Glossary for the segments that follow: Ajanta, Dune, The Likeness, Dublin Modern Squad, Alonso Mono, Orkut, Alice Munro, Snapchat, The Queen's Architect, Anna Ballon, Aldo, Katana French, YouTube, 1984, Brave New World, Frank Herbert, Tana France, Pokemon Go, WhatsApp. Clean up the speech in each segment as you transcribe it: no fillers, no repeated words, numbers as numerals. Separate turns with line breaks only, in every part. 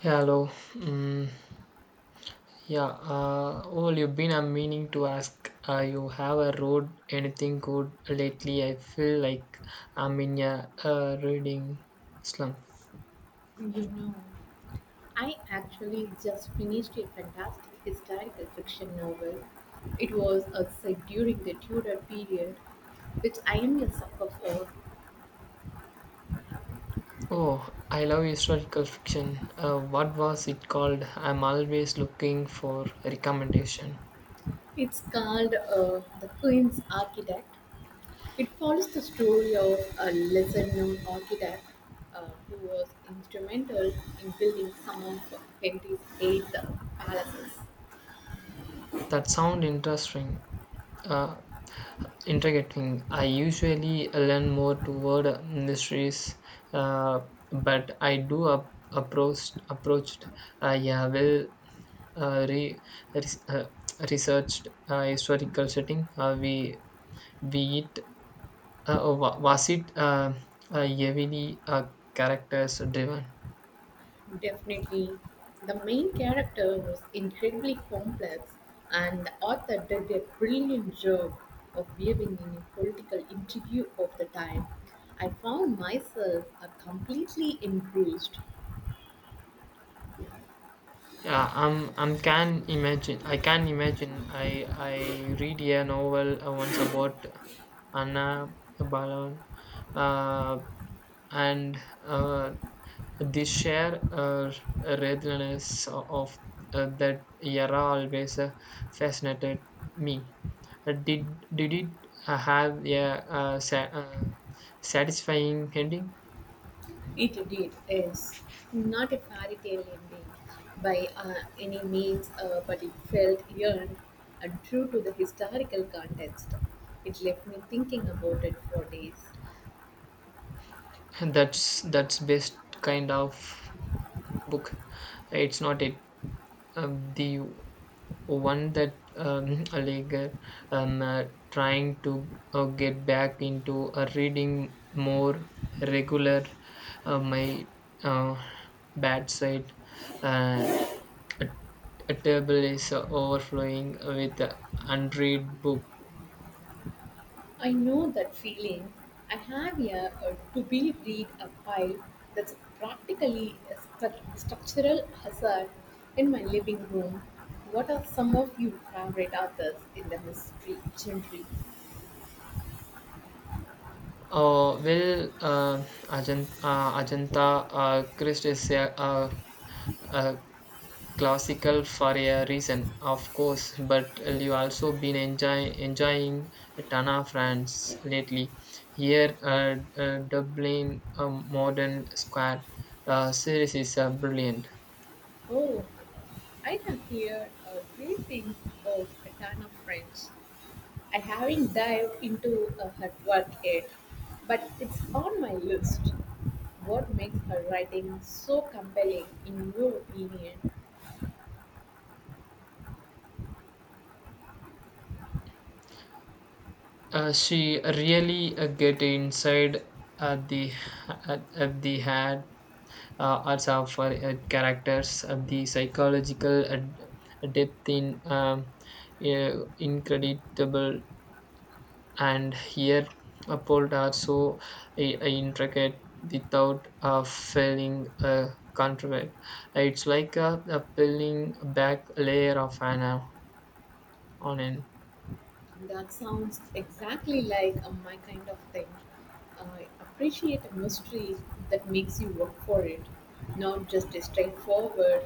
Hello. Mm, yeah. Well, you've been. I'm meaning to ask. You have a road? Anything good lately? I feel like I'm in a reading slump.
You know, I actually just finished a fantastic historical fiction novel. It was set during the Tudor period, which I am a sucker for.
Oh, I love historical fiction. What was it called? I'm always looking for recommendation.
It's called The Queen's Architect. It follows the story of a lesser known architect who was instrumental in building some of Henry's eight palaces.
That sound interesting. Uh, Intriguing. I usually lean more toward mysteries, uh, but I do ap- approached approached yeah well re- res- researched historical setting. We it oh, wa- was it heavily characters driven.
Definitely. The main character was incredibly complex, and the author did a brilliant job of weaving in a political intrigue of the time. I found myself completely engrossed.
Yeah, I'm can imagine. I can imagine. I read a novel once about Anna Ballon, and uh, the sheer readiness of that era always fascinated me. Did it have a satisfying ending?
It did, yes. Not a fairy tale ending by any means, but it felt earned and true to the historical context. It left me thinking about it for days.
That's best kind of book. It's not it. The one that a leaguer um, uh, trying to get back into reading more regular, my uh, bad side, uh, a, a table is overflowing with unread book.
I know that feeling. I have a to be read a pile that's practically a structural hazard in my living room. What are some of your favorite authors in the mystery genre?
Oh well, Ajanta Christ is a classical for a reason, of course, but you also been enjoying Tana France lately. Here, Dublin Modern Squad series is brilliant.
Oh, I have heard great things of Katana French. I haven't dived into her work yet, but it's on my list. What makes her writing so compelling, in your opinion?
She really get inside uh, the the head also for characters, the psychological depth in uh, incredible, and here uphold are so I intricate without feeling contrived. It's like a peeling back layer of an onion.
That sounds exactly like my kind of thing. I appreciate a mystery that makes you work for it, not just a straightforward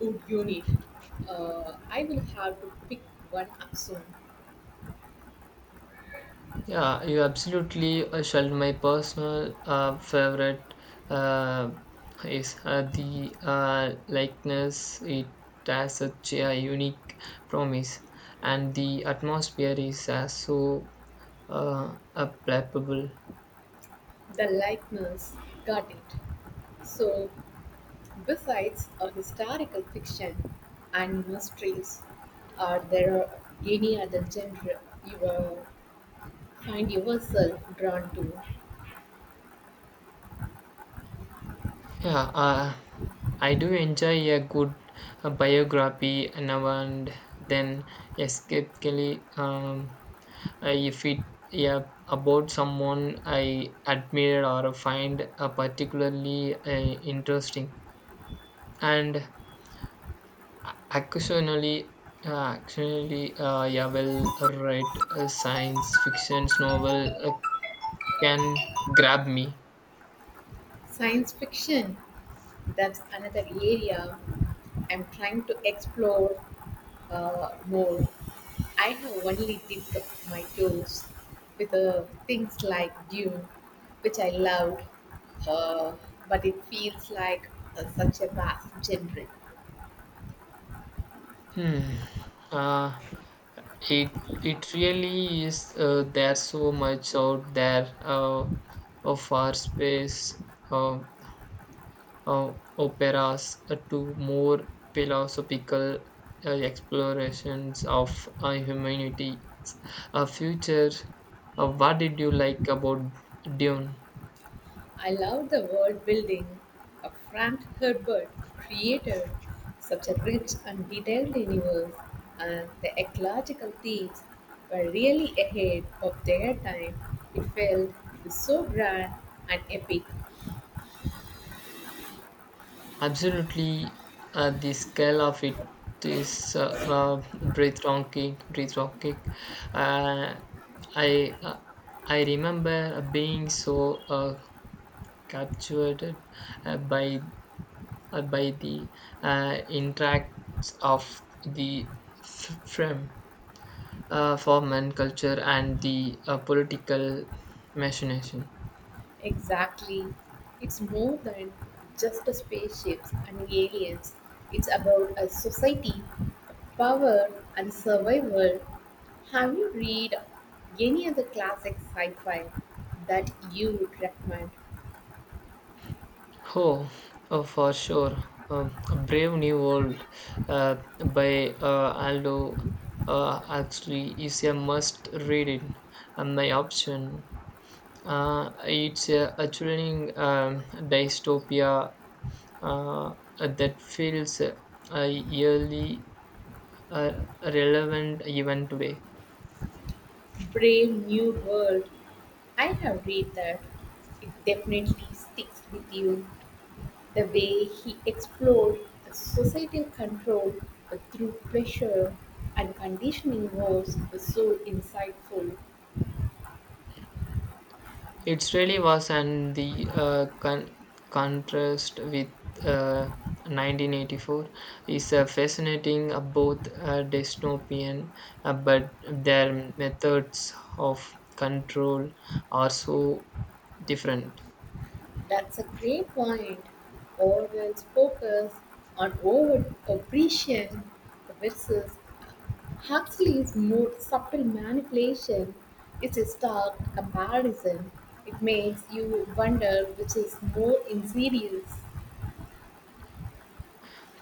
"Would unit." I will have to pick one up soon.
Yeah, you absolutely shall. My personal favorite uh, is the likeness. It has such a unique promise, and the atmosphere is so palpable.
The likeness, got it. So, besides historical fiction and mysteries, are there any other genre you find yourself drawn to?
Yeah, I do enjoy a good biography now and then, escapically, if it yeah about someone I admire or find particularly interesting, and occasionally, yeah, well, read science fiction novel can grab me.
Science fiction, that's another area I'm trying to explore more. I have only dipped my toes with things like Dune, which I loved, uh, but it feels like such a vast genre.
Hmm. Uh, it it really is, there's so much out there, of our space uh, operas to more philosophical explorations of humanity, a future. What did you like about dune?
I love the world building Frank Herbert created, such a rich and detailed universe, and the ecological themes were really ahead of their time. It felt so grand and epic.
Absolutely, the scale of it is breathtaking. Breathtaking. Uh, I uh, I remember being so captured uh, by by the interacts of the frame, foreman culture and the political machination.
Exactly. It's more than just a spaceships and aliens. It's about a society, Power and Survival. Have you read any other classic sci fi that you would recommend?
Oh, oh, for sure. A Brave New World by Aldo actually is a must read it. My option. It's a thrilling dystopia that feels eerily relevant even today.
Brave New World. I have read that. It definitely sticks with you. The way he explored societal control through pressure and conditioning was so insightful.
It really was, and the contrast with uh, 1984 is fascinating, both dystopian, but their methods of control are so different.
That's a great point. Orwell's focus on overt oppression versus Huxley's more subtle manipulation is a stark comparison. It makes you wonder which is more insidious.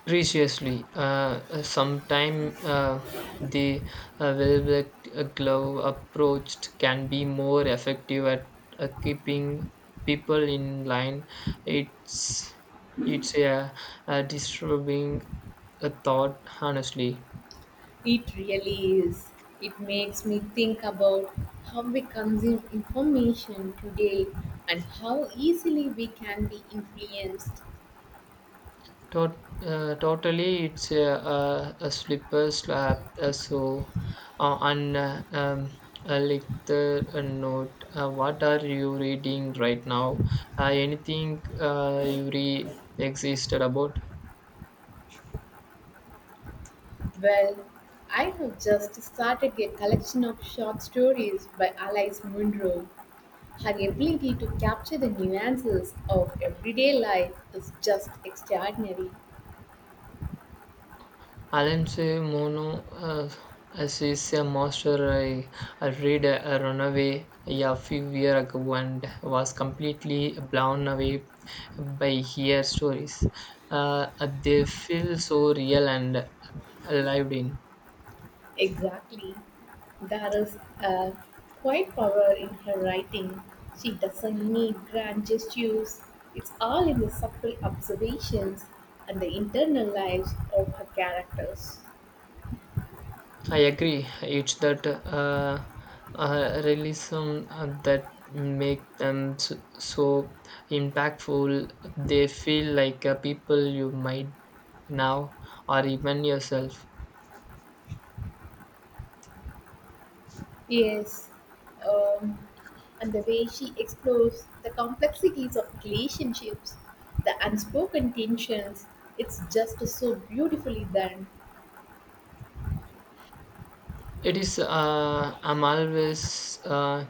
Preciously, sometime the velvet glove approached can be more effective at keeping people in line. It's it's a disturbing thought, honestly.
It really is. It makes me think about how we consume information today and how easily we can be influenced.
Totally, it's a slipper slap. So, and like the note, what are you reading right now? Anything you re existed about?
Well, I have just started a collection of short stories by Alice Munro. Her ability to capture the nuances of everyday life is just extraordinary.
Alonso Mono as is a master. I read a Runaway yeah, a few years ago and was completely blown away by her stories. They feel so real and lived in.
Exactly. There is a quiet power in her writing. She doesn't need grand gestures. It's all in the subtle observations and the internal lives of her characters.
I agree. It's that realism that make them so impactful. They feel like people you might now or even yourself.
Yes, um, and the way she explores the complexities of relationships, the unspoken tensions, it's just so beautifully done.
It is. I'm always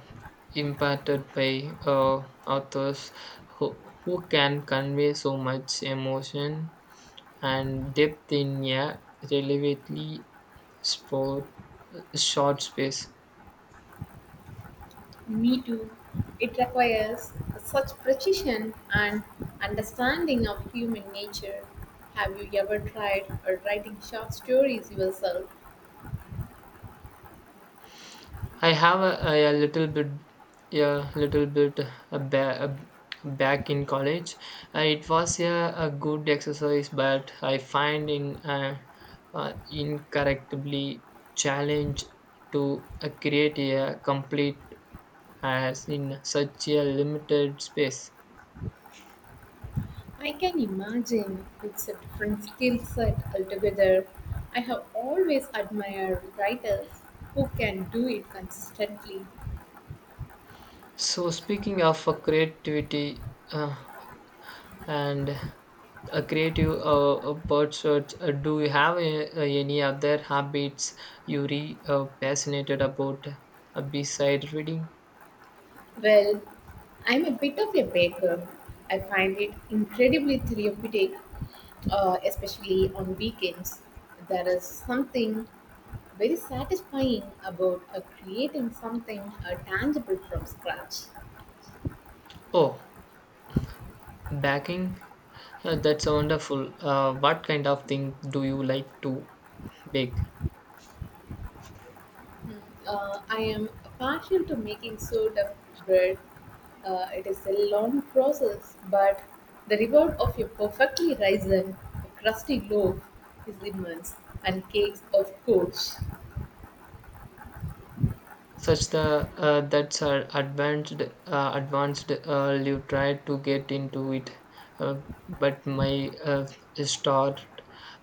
impacted by authors who can convey so much emotion and depth in a relatively sport, short space.
Me too. It requires such precision and understanding of human nature. Have you ever tried writing short stories yourself?
I have a little bit, a little bit a ba- a back in college. It was yeah, a good exercise, but I find in incorrectly challenge to create a complete as in such a limited space.
I can imagine it's a different skill set altogether. I have always admired writers who can do it consistently.
So speaking of creativity uh, and creative pursuits, do you have any other habits you're passionate about besides reading?
Well, I'm a bit of a baker. I find it incredibly therapeutic, especially on weekends. There is something very satisfying about creating something tangible from scratch.
Oh, baking? That's wonderful. What kind of thing do you like to bake?
I am partial to making sourdough bread. It is a long process, but the reward of a perfectly risen, crusty loaf is immense, and cakes, of course.
Such the that's advanced, you try to get into it uh, but my start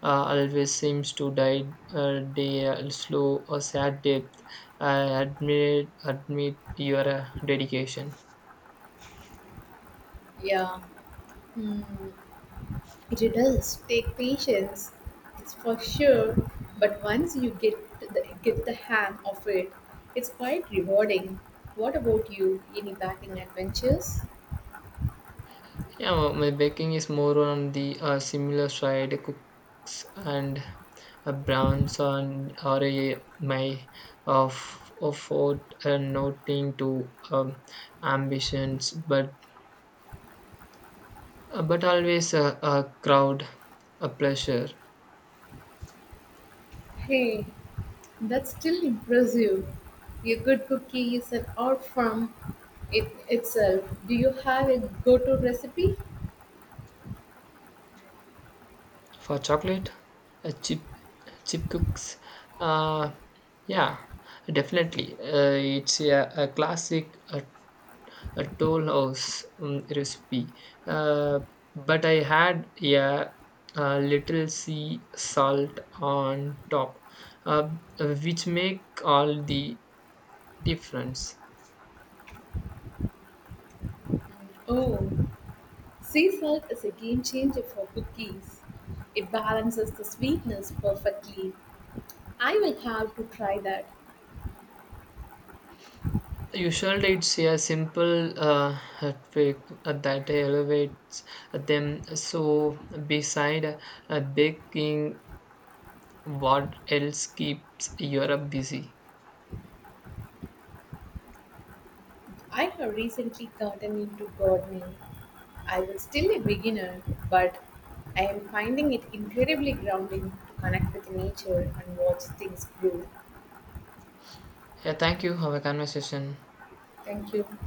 always seems to die day slow or sad depth. I admit your dedication.
Yeah. Hmm, it does take patience, it's for sure. But once you the get the hang of it, it's quite rewarding. What about you? Any baking adventures?
Yeah, well, my baking is more on the similar side, cooks and browns on or a, my of afford nothing to ambitions, but but always a crowd, a pleasure
Hey. That's still impressive. A good cookie is an art form it itself. Do you have a go-to recipe?
for chocolate, a chip cooks. Uh, yeah, definitely. It's a classic. A toll house recipe. Uh, but I had a little sea salt on top, uh, which make all the difference.
Oh, sea salt is a game changer for cookies. It balances the sweetness perfectly. I will have to try that.
Usually, it's a simple trick that elevates them. So, beside baking, what else keeps Europe busy?
I have recently gotten into gardening. I was still a beginner, but I am finding it incredibly grounding to connect with nature and watch things grow.
Yeah, thank you. Have a conversation.
Thank you.